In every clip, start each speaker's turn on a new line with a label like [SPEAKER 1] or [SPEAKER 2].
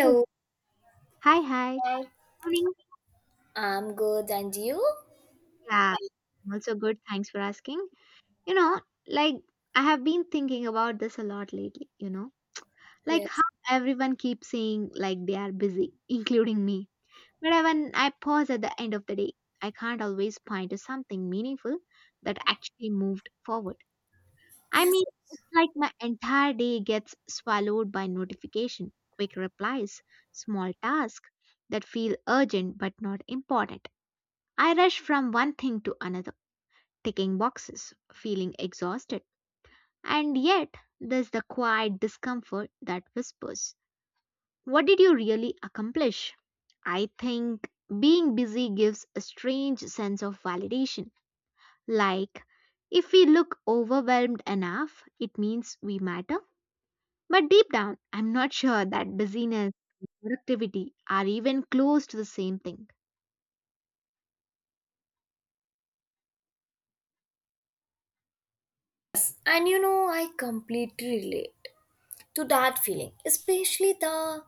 [SPEAKER 1] Yes. Hi, hi. Morning.
[SPEAKER 2] I'm good, and you?
[SPEAKER 1] Yeah, I'm also good. Thanks for asking. You know, like I have been thinking about this a lot lately, like how
[SPEAKER 2] Yes.
[SPEAKER 1] everyone keeps saying like they are busy, including me. But when I pause at the end of the day, I can't always point to something meaningful that actually moved forward. I mean, it's like my entire day gets swallowed by notification, quick replies, small tasks that feel urgent but not important. I rushed from one thing to another, ticking boxes, feeling exhausted. And yet, there's the quiet discomfort that whispers, what did you really accomplish? I think being busy gives a strange sense of validation. Like, if we look overwhelmed enough, it means we matter. But deep down, I'm not sure that busyness and productivity are even close to the same thing.
[SPEAKER 2] And you know, I completely relate to that feeling, especially the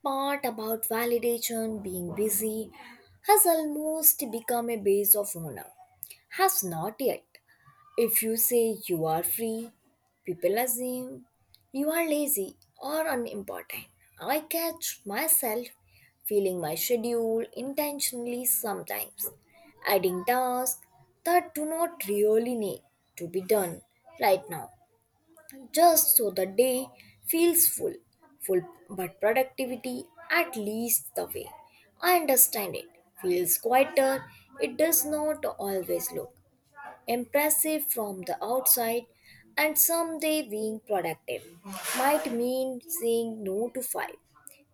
[SPEAKER 2] part about validation, being busy has almost become a base of honor. Has not yet. If you say you are free, people assume you are lazy or unimportant. I catch myself filling my schedule intentionally sometimes, adding tasks that do not really need to be done right now, just so the day feels full. Full but productivity, at least the way I understand it, feels quieter. It does not always look impressive from the outside and someday being productive might mean saying no to five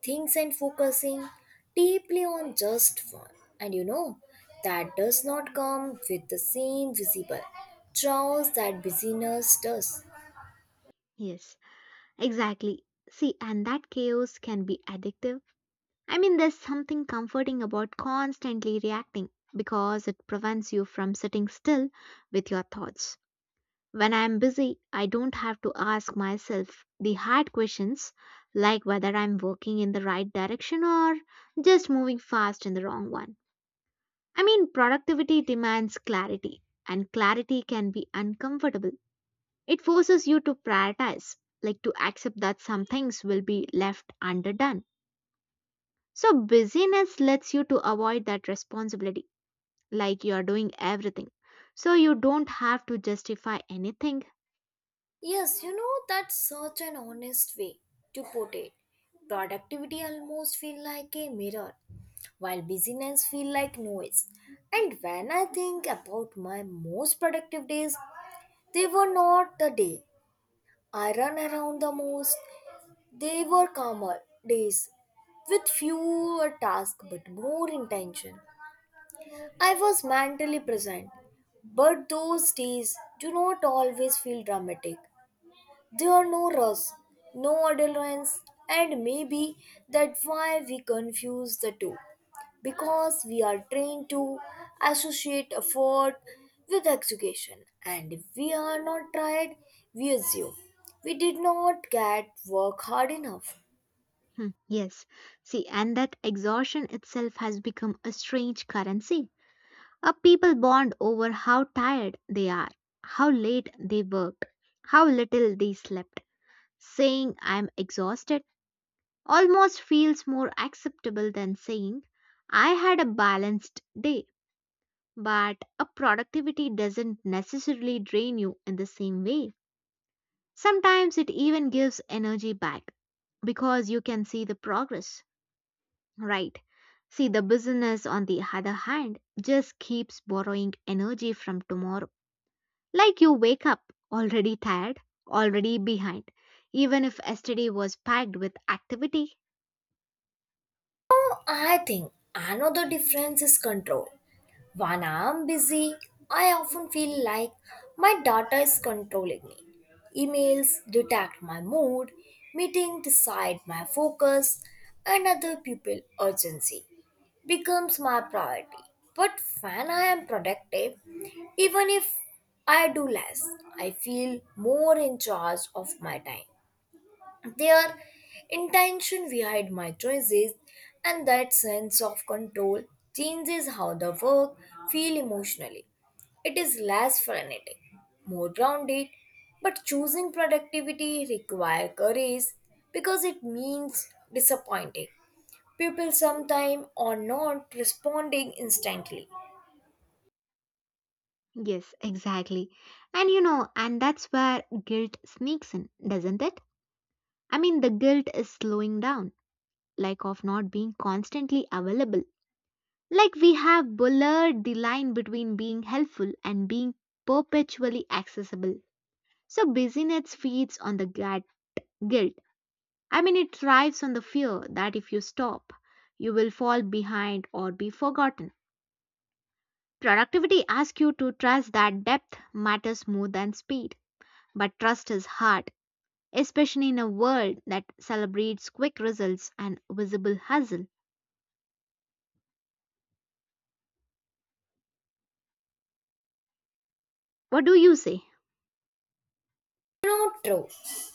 [SPEAKER 2] things and focusing deeply on just one. And you know, that does not come with the same visible chores that busyness does.
[SPEAKER 1] Yes, exactly. See, and that chaos can be addictive. I mean, there's something comforting about constantly reacting because it prevents you from sitting still with your thoughts. When I'm busy, I don't have to ask myself the hard questions like whether I'm working in the right direction or just moving fast in the wrong one. I mean, productivity demands clarity, and clarity can be uncomfortable. It forces you to prioritize, like to accept that some things will be left underdone. So, busyness lets you to avoid that responsibility, like you are doing everything. So, you don't have to justify anything.
[SPEAKER 2] Yes, you know, that's such an honest way to put it. Productivity almost feel like a mirror, while busyness feel like noise. And when I think about my most productive days, they were not the day I run around the most. They were calmer days with fewer tasks but more intention. I was mentally present, but those days do not always feel dramatic. There are no rules, no deadlines, and maybe that's why we confuse the two. Because we are trained to associate effort with execution, and if we are not tried, we assume we did not get work hard enough.
[SPEAKER 1] Hmm, yes. See, and that exhaustion itself has become a strange currency. A people bond over how tired they are, how late they worked, how little they slept. Saying I'm exhausted almost feels more acceptable than saying I had a balanced day. But a productivity doesn't necessarily drain you in the same way. Sometimes it even gives energy back because you can see the progress, right? See, the business, on the other hand, just keeps borrowing energy from tomorrow. Like you wake up already tired, already behind, even if yesterday was packed with activity.
[SPEAKER 2] I think another difference is control. When I'm busy, I often feel like my data is controlling me. Emails detect my mood, meetings decide my focus, and other people urgency becomes my priority. But when I am productive, even if I do less, I feel more in charge of my time, their intention behind my choices, and that sense of control changes how the work feel emotionally. It is less frenetic, more grounded, but choosing productivity require courage because it means disappointing people sometimes or not responding instantly.
[SPEAKER 1] Yes, exactly. And that's where guilt sneaks in, doesn't it? I mean, the guilt is slowing down like of not being constantly available. Like we have blurred the line between being helpful and being perpetually accessible. So busyness feeds on the guilt. I mean, it thrives on the fear that if you stop, you will fall behind or be forgotten. Productivity asks you to trust that depth matters more than speed, but trust is hard, especially in a world that celebrates quick results and visible hustle. What do you say?
[SPEAKER 2] You know, true.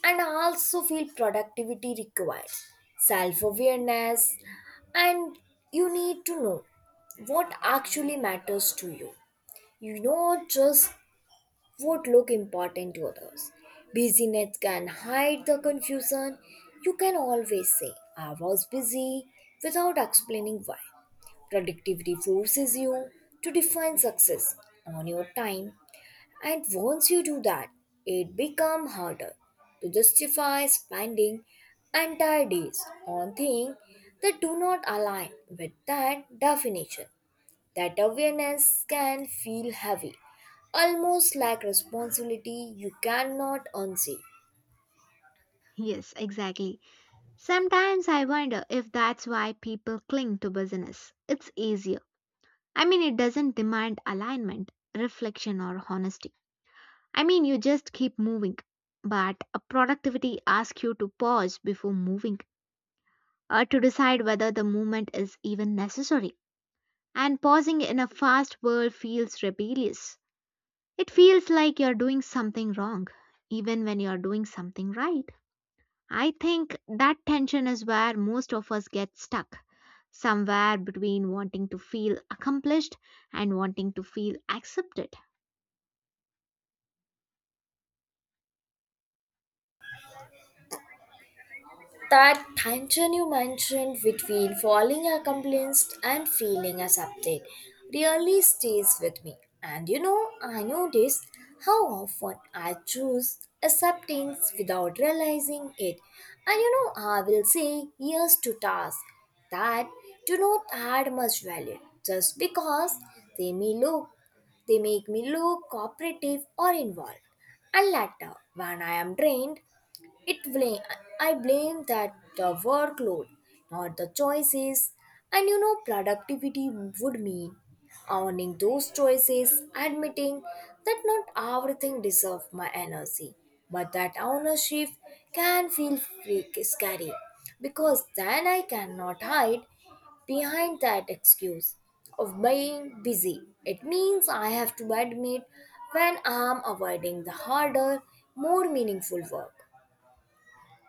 [SPEAKER 2] And I also feel productivity requires self awareness, and you need to know what actually matters to you. You know, just what look important to others. Busyness can hide the confusion. You can always say, I was busy without explaining why. Productivity forces you to define success on your time, and once you do that, it becomes harder to justify spending entire days on things that do not align with that definition. That awareness can feel heavy, almost like responsibility you cannot unsee.
[SPEAKER 1] Yes, exactly. Sometimes I wonder if that's why people cling to business. It's easier. I mean, it doesn't demand alignment, reflection, or honesty. I mean, you just keep moving. But a productivity asks you to pause before moving or to decide whether the movement is even necessary. And pausing in a fast world feels rebellious. It feels like you're doing something wrong, even when you're doing something right. I think that tension is where most of us get stuck, somewhere between wanting to feel accomplished and wanting to feel accepted.
[SPEAKER 2] That tension you mentioned between falling accomplished and feeling accepted really stays with me. And you know, I notice how often I choose acceptance without realizing it. And you know, I will say yes to tasks that do not add much value just because they may look, they make me look cooperative or involved. And later, when I am drained, it blame I blame that the workload, not the choices. And you know, productivity would mean owning those choices, admitting that not everything deserves my energy, but that ownership can feel scary because then I cannot hide behind that excuse of being busy. It means I have to admit when I'm avoiding the harder, more meaningful work.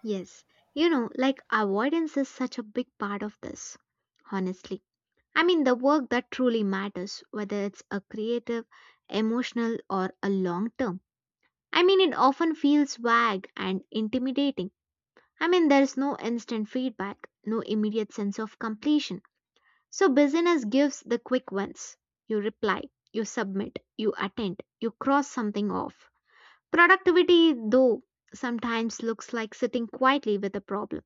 [SPEAKER 1] Yes, like avoidance is such a big part of this, honestly. I mean, the work that truly matters, whether it's a creative, emotional, or a long term. I mean, it often feels vague and intimidating. I mean, there's no instant feedback, no immediate sense of completion. So busyness gives the quick wins. You reply, you submit, you attend, you cross something off. Productivity, though, sometimes looks like sitting quietly with a problem,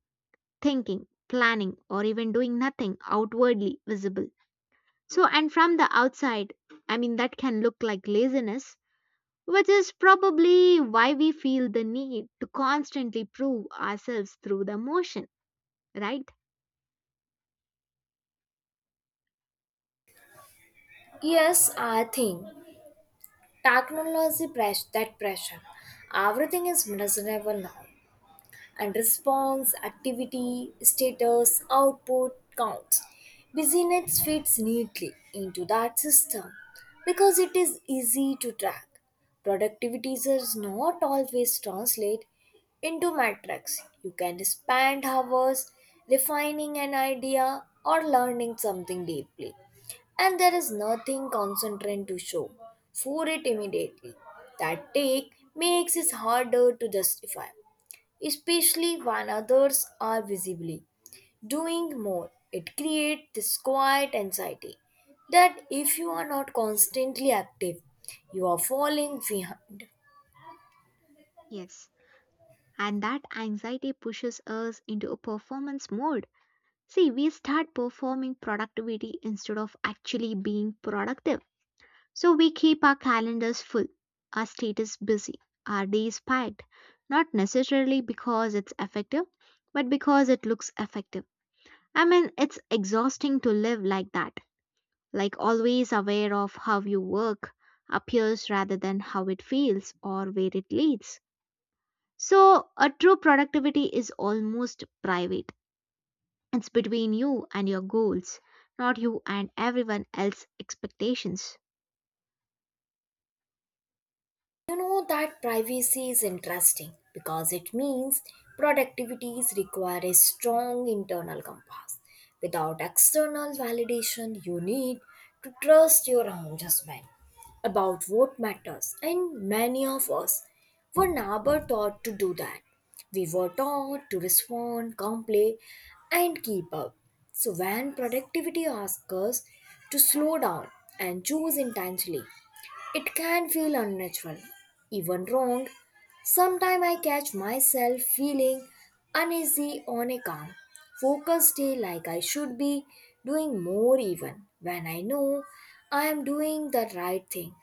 [SPEAKER 1] thinking, planning, or even doing nothing outwardly visible. So, and from the outside, I mean, that can look like laziness, which is probably why we feel the need to constantly prove ourselves through the motion, right?
[SPEAKER 2] Yes, I think technology press that pressure. Everything is miserable now and response, activity, status, output, count. BusyNet fits neatly into that system because it is easy to track. Productivity does not always translate into metrics. You can spend hours refining an idea or learning something deeply, and there is nothing concentrant to show for it immediately. That take makes it harder to justify, especially when others are visibly doing more. It creates this quiet anxiety that if you are not constantly active, you are falling behind.
[SPEAKER 1] Yes. And that anxiety pushes us into a performance mode. See, we start performing productivity instead of actually being productive. So we keep our calendars full, our status busy, our days packed, not necessarily because it's effective, but because it looks effective. I mean, it's exhausting to live like that, like always aware of how you work appears rather than how it feels or where it leads. So, a true productivity is almost private. It's between you and your goals, not you and everyone else's expectations.
[SPEAKER 2] You know that privacy is interesting because it means productivities require a strong internal compass. Without external validation, you need to trust your own judgment about what matters, and many of us were never taught to do that. We were taught to respond, complain, and keep up. So, when productivity asks us to slow down and choose intentionally, it can feel unnatural, even wrong. Sometimes I catch myself feeling uneasy on a calm, focused day like I should be doing more even when I know I am doing the right thing.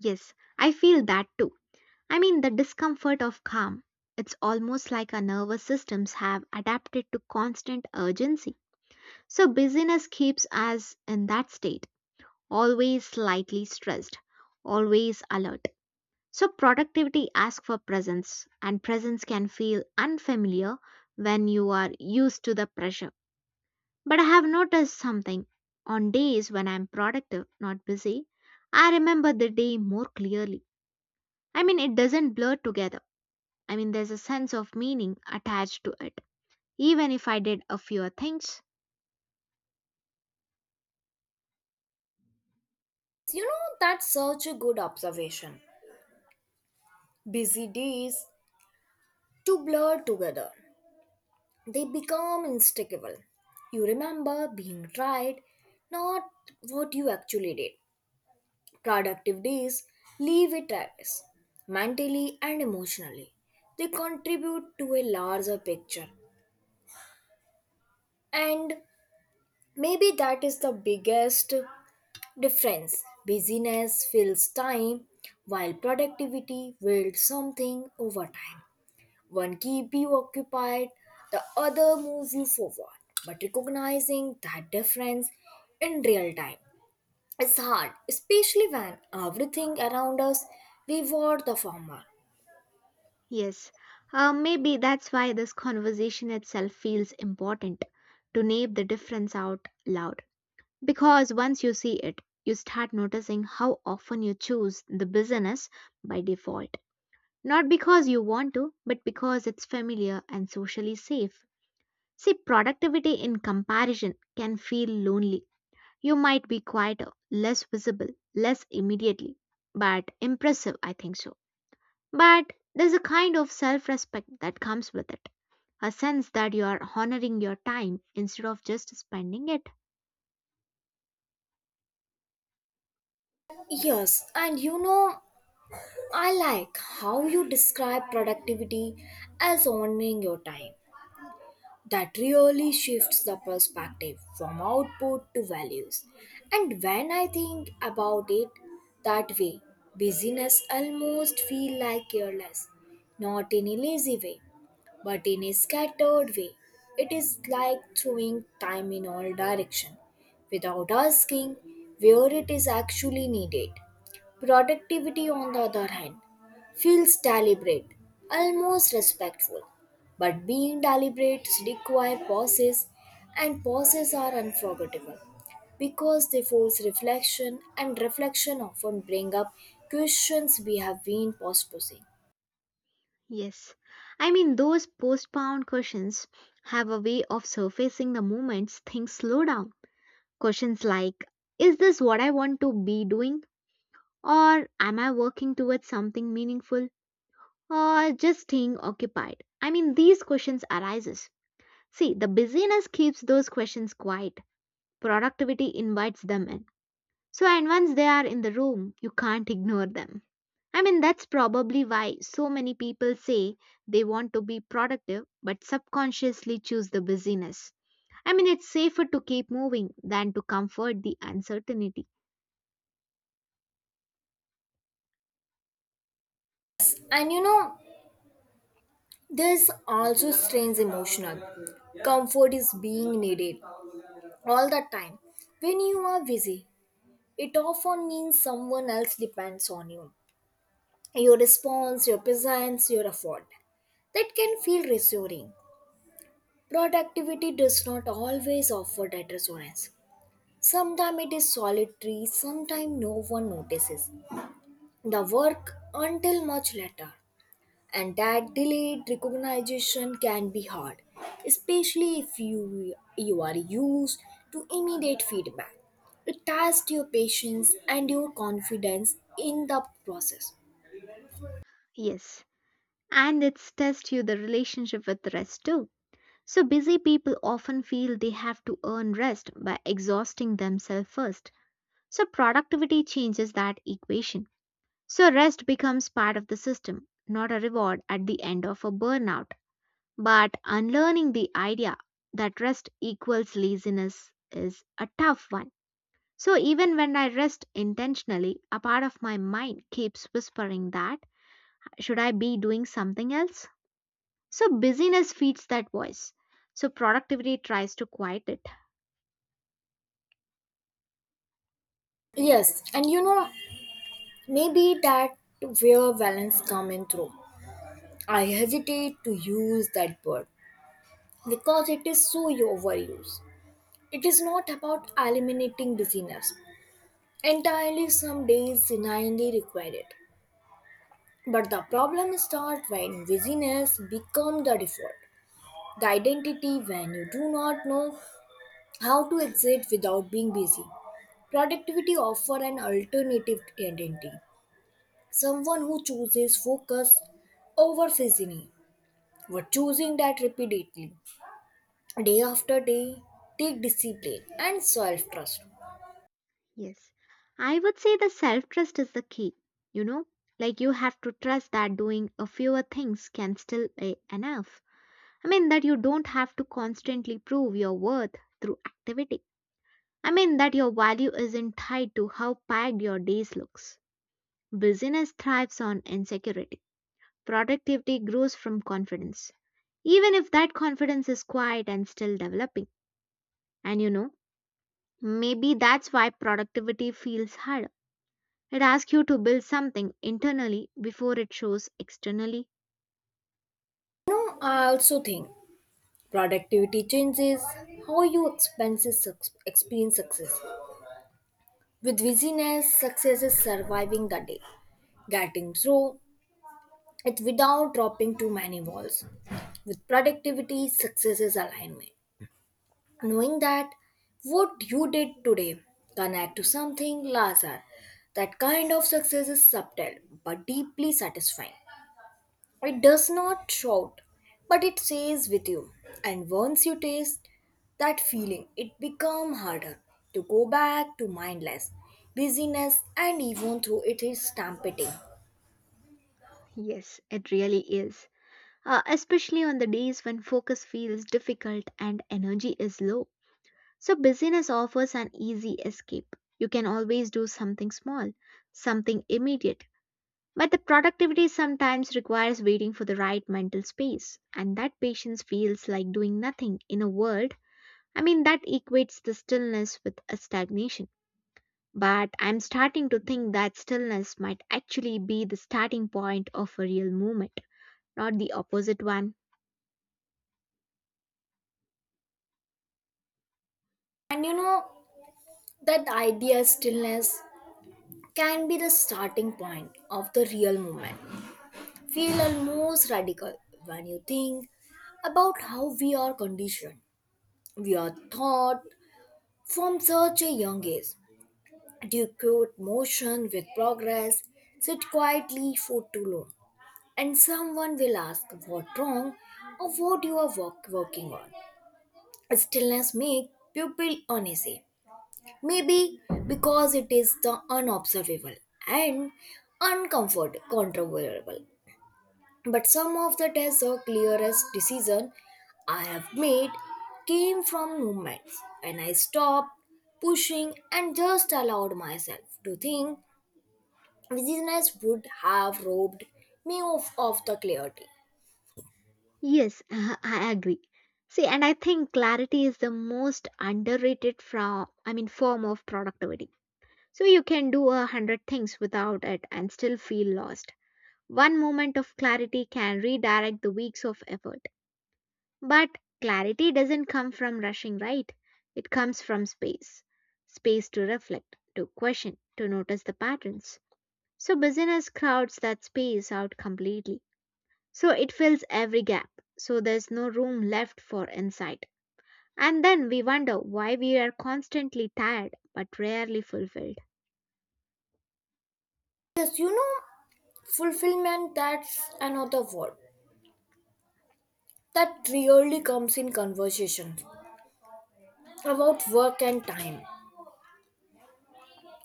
[SPEAKER 1] Yes, I feel that too. I mean, the discomfort of calm. It's almost like our nervous systems have adapted to constant urgency. So, busyness keeps us in that state, always slightly stressed, always alert. So, productivity asks for presence, and presence can feel unfamiliar when you are used to the pressure. But I have noticed something. On days when I'm productive, not busy, I remember the day more clearly. I mean, it doesn't blur together. I mean, there's a sense of meaning attached to it, even if I did a few things.
[SPEAKER 2] You know, that's such a good observation. Busy days to blur together. They become instigable. You remember being right, not what you actually did. Productive days leave it as mentally and emotionally. They contribute to a larger picture. And maybe that is the biggest difference. Busyness fills time, while productivity builds something over time. One keeps you occupied, the other moves you forward. But recognizing that difference in real time is hard, especially when everything around us reward the former.
[SPEAKER 1] Yes, maybe that's why this conversation itself feels important to name the difference out loud. Because once you see it, you start noticing how often you choose the business by default. Not because you want to, but because it's familiar and socially safe. See, productivity in comparison can feel lonely. You might be quieter, less visible, less immediately, but impressive, I think so. But there's a kind of self respect that comes with it, a sense that you are honoring your time instead of just spending it.
[SPEAKER 2] Yes, and you know, I like how you describe productivity as owning your time. That really shifts the perspective from output to values. And when I think about it that way, busyness almost feels like careless, not in a lazy way, but in a scattered way. It is like throwing time in all direction without asking where it is actually needed. Productivity, on the other hand, feels deliberate, almost respectful. But being deliberate require pauses, and pauses are unforgettable because they force reflection, and reflection often bring up questions we have been postposing.
[SPEAKER 1] Yes. I mean, those postponed questions have a way of surfacing the moments things slow down. Questions like, is this what I want to be doing? Or am I working towards something meaningful? Or just staying occupied? I mean, these questions arises. See, the busyness keeps those questions quiet. Productivity invites them in. So, and once they are in the room, you can't ignore them. I mean, that's probably why so many people say they want to be productive but subconsciously choose the busyness. I mean, it's safer to keep moving than to comfort the uncertainty.
[SPEAKER 2] And you know, this also strains emotional. Comfort is being needed all the time. When you are busy, it often means someone else depends on you. Your response, your presence, your effort, that can feel reassuring. Productivity does not always offer that resonance. Sometimes it is solitary, sometimes no one notices the work until much later. And that delayed recognition can be hard, especially if you are used to immediate feedback. It tests your patience and your confidence in the process.
[SPEAKER 1] Yes, and it's test you the relationship with rest too. So busy people often feel they have to earn rest by exhausting themselves first. So productivity changes that equation. So rest becomes part of the system, not a reward at the end of a burnout. But unlearning the idea that rest equals laziness is a tough one. So even when I rest intentionally, a part of my mind keeps whispering that should I be doing something else? So busyness feeds that voice. So productivity tries to quiet it.
[SPEAKER 2] Yes, and you know, maybe that where balance come in through. I hesitate to use that word because it is so overused. It is not about eliminating busyness entirely, some days genuinely require it. But the problem starts when busyness becomes the default, the identity when you do not know how to exist without being busy. Productivity offers an alternative identity, someone who chooses focus over busyness. But choosing that repeatedly, day after day, take discipline and self trust.
[SPEAKER 1] Yes. I would say the self trust is the key. You know, like you have to trust that doing a fewer things can still be enough. I mean, that you don't have to constantly prove your worth through activity. I mean, that your value isn't tied to how packed your days looks. Busyness thrives on insecurity. Productivity grows from confidence, even if that confidence is quiet and still developing. And maybe that's why productivity feels hard. It asks you to build something internally before it shows externally.
[SPEAKER 2] Know, I also think productivity changes how you experience success. With busyness, success is surviving the day, getting through it without dropping too many walls. With productivity, success is alignment. Knowing that what you did today connect to something larger. That kind of success is subtle but deeply satisfying. It does not shout, but it stays with you. And once you taste that feeling, it becomes harder to go back to mindless busyness and even though it is stampeding.
[SPEAKER 1] Yes, it really is. Especially on the days when focus feels difficult and energy is low. So, busyness offers an easy escape. You can always do something small, something immediate. But the productivity sometimes requires waiting for the right mental space, and that patience feels like doing nothing in a world. I mean, that equates the stillness with a stagnation. But I'm starting to think that stillness might actually be the starting point of a real movement, not the opposite one.
[SPEAKER 2] And you know that idea stillness can be the starting point of the real movement. Feel almost radical when you think about how we are conditioned. We are taught from such a young age Decote motion with progress, sit quietly for too long, and someone will ask what wrong or what you are working on. Stillness makes people uneasy, maybe because it is the unobservable and uncontrollable. But some of the tests or clearest decision I have made came from movements, and I stopped pushing and just allowed myself to think. Business would have robbed me of the clarity.
[SPEAKER 1] Yes, I agree. See, and I think clarity is the most underrated I mean, form of productivity. So you can do 100 things without it and still feel lost. One moment of clarity can redirect the weeks of effort. But clarity doesn't come from rushing, right? It comes from space. Space to reflect, to question, to notice the patterns. So business crowds that space out completely. So it fills every gap. So there's no room left for insight. And then we wonder why we are constantly tired but rarely fulfilled.
[SPEAKER 2] Yes, you know, fulfillment, that's another word that really comes in conversations about work and time.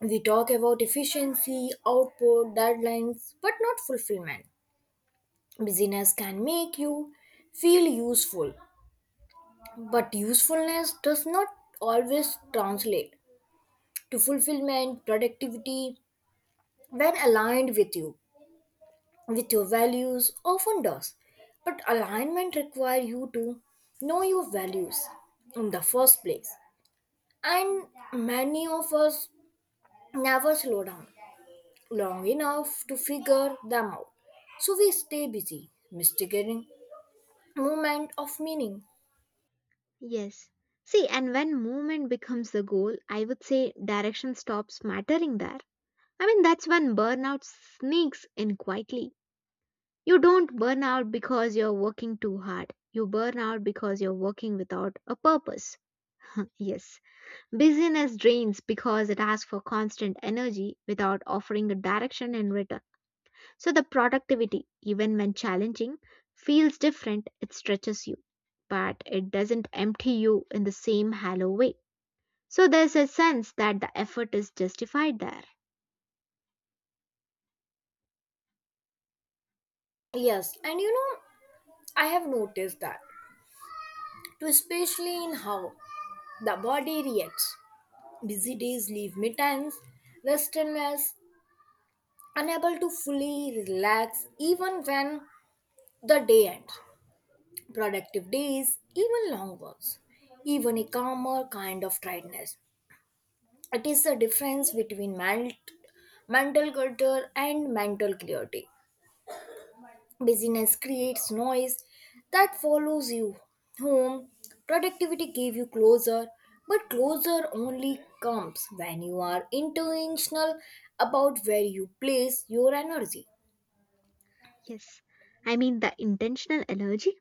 [SPEAKER 2] We talk about efficiency, output, deadlines, but not fulfillment. Busyness can make you feel useful, but usefulness does not always translate to fulfillment, productivity, when aligned with you, with your values often does, but alignment requires you to know your values in the first place, and many of us never slow down long enough to figure them out, so we stay busy mistaking moment of meaning.
[SPEAKER 1] Yes. See, and when movement becomes the goal, I would say direction stops mattering there. I mean, that's when burnout sneaks in quietly. You don't burn out because you're working too hard. You burn out because you're working without a purpose. Yes, busyness drains because it asks for constant energy without offering a direction in return. So the productivity, even when challenging, feels different. It stretches you, but it doesn't empty you in the same hollow way. So there's a sense that the effort is justified there.
[SPEAKER 2] Yes, and you know, I have noticed that too, especially in how the body reacts. Busy days leave me tense, restless, unable to fully relax even when the day ends. Productive days, even long ones, even a calmer kind of tiredness. It is the difference between mental clutter and mental clarity. Busyness creates noise that follows you home. Productivity gave you closer, but closer only comes when you are intentional about where you place your energy.
[SPEAKER 1] Yes, I mean the intentional energy.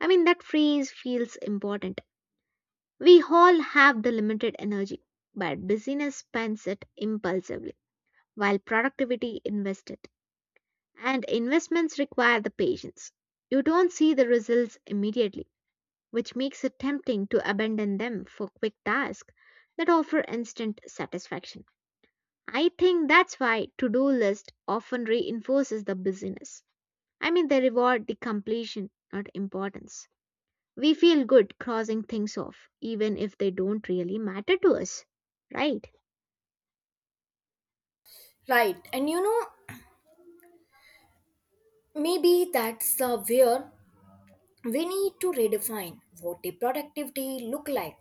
[SPEAKER 1] I mean, that phrase feels important. We all have the limited energy, but busyness spends it impulsively, while productivity invests it. And investments require the patience. You don't see the results immediately, which makes it tempting to abandon them for quick tasks that offer instant satisfaction. I think that's why to-do list often reinforces the busyness. I mean, they reward the completion, not importance. We feel good crossing things off, even if they don't really matter to us, right?
[SPEAKER 2] Right, and you know, maybe that's the where we need to redefine what the productivity look like,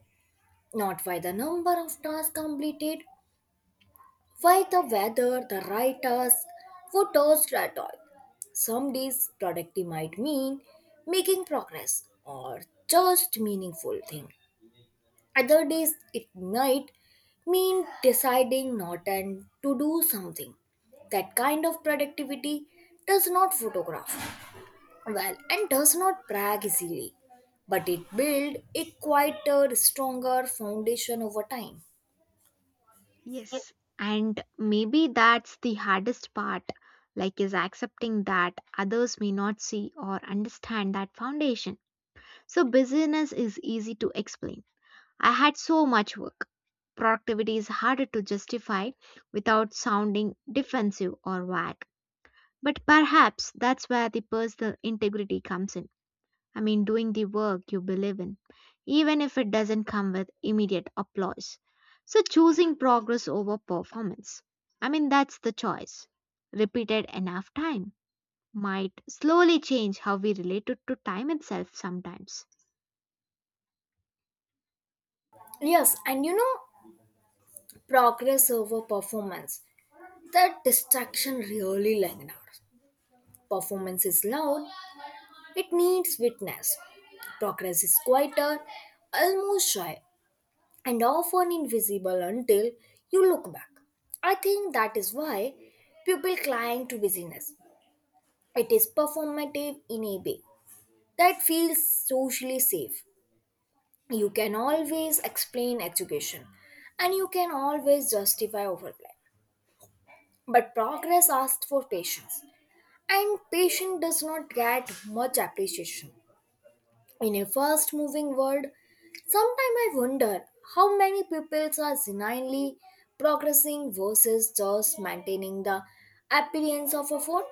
[SPEAKER 2] not by the number of tasks completed, by the whether the right task for task at all. Some days productivity might mean making progress or just meaningful thing. Other days it might mean deciding not and to do something. That kind of productivity does not photograph well and does not brag easily, but it built a quieter stronger foundation over time.
[SPEAKER 1] Yes, and maybe that's the hardest part, like is accepting that others may not see or understand that foundation. So busyness is easy to explain. I had so much work. Productivity is harder to justify without sounding defensive or vague. But perhaps that's where the personal integrity comes in. I mean, doing the work you believe in, even if it doesn't come with immediate applause. So, choosing progress over performance. I mean, that's the choice. Repeated enough time might slowly change how we relate it to time itself sometimes.
[SPEAKER 2] Yes, and you know, progress over performance, that distraction really lingers. Performance is loud, it needs witness. Progress is quieter, almost shy, and often invisible until you look back. I think that is why people cling to busyness. It is performative in a way that feels socially safe. You can always explain education and you can always justify overplay. But progress asks for patience, and patience does not get much appreciation. In a fast moving world, sometimes I wonder how many people are genuinely progressing versus just maintaining the appearance of a fort.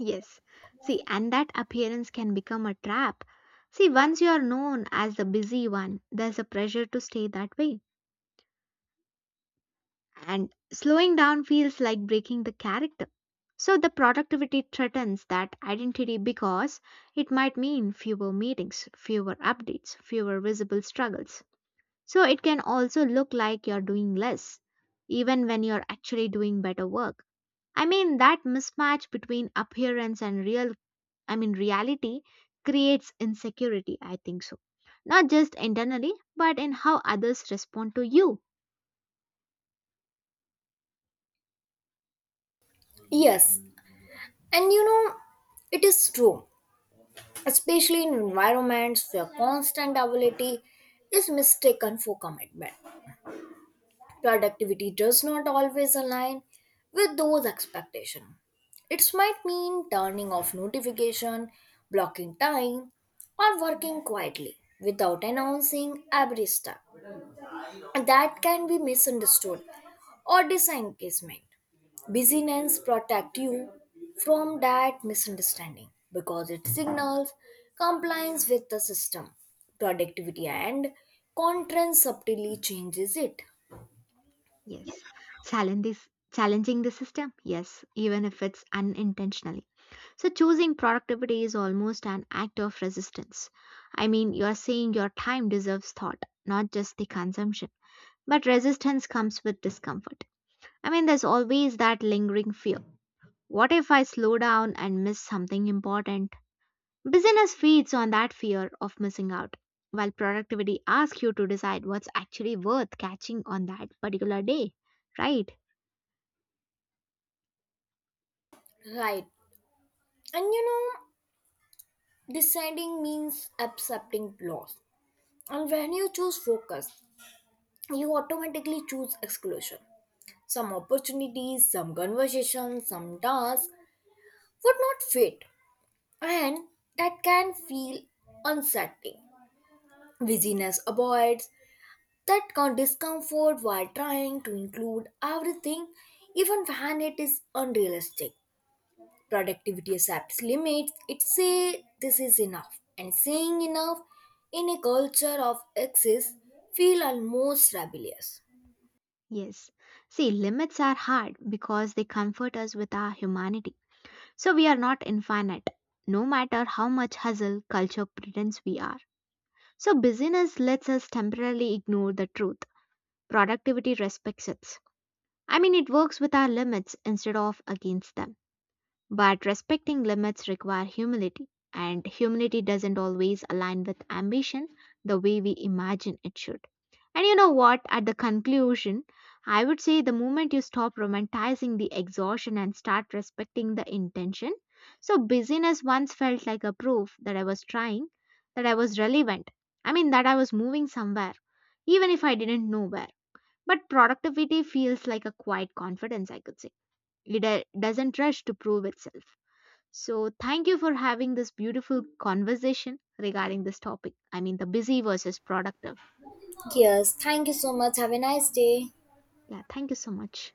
[SPEAKER 1] Yes. See, and that appearance can become a trap. See, once you are known as the busy one, there's a pressure to stay that way and slowing down feels like breaking the character. So the productivity threatens that identity because it might mean fewer meetings, fewer updates, fewer visible struggles. So it can also look like you're doing less, even when you're actually doing better work. I mean, that mismatch between appearance and I mean, reality creates insecurity, I think so. Not just internally, but in how others respond to you.
[SPEAKER 2] Yes, and you know, it is true, especially in environments where constant availability is mistaken for commitment. Productivity does not always align with those expectations. It might mean turning off notification, blocking time, or working quietly without announcing every step that can be misunderstood or disengagement. Busyness protect you from that misunderstanding because it signals compliance with the system. Productivity and content subtly changes it.
[SPEAKER 1] Yes. Challenging the system? Yes, even if it's unintentionally. So, choosing productivity is almost an act of resistance. I mean, you're saying your time deserves thought, not just the consumption. But resistance comes with discomfort. I mean, there's always that lingering fear. What if I slow down and miss something important? Business feeds on that fear of missing out, while productivity asks you to decide what's actually worth catching on that particular day, right?
[SPEAKER 2] Right. And you know, deciding means accepting loss. And when you choose focus, you automatically choose exclusion. Some opportunities, some conversations, some tasks would not fit and that can feel unsettling. Busyness avoids that discomfort while trying to include everything, even when it is unrealistic. Productivity accepts limits, it says this is enough, and saying enough in a culture of excess feel almost rebellious.
[SPEAKER 1] Yes. See, limits are hard because they comfort us with our humanity. So we are not infinite, no matter how much hustle culture pretends we are. So busyness lets us temporarily ignore the truth. Productivity respects it. I mean, it works with our limits instead of against them. But respecting limits require humility, and humility doesn't always align with ambition the way we imagine it should. And you know what? At the conclusion, I would say the moment you stop romanticizing the exhaustion and start respecting the intention. So, busyness once felt like a proof that I was trying, that I was relevant. I mean, that I was moving somewhere, even if I didn't know where. But productivity feels like a quiet confidence, I could say. It doesn't rush to prove itself. So, thank you for having this beautiful conversation regarding this topic. I mean, the busy versus productive.
[SPEAKER 2] Yes, thank you so much. Have a nice day.
[SPEAKER 1] Yeah, thank you so much.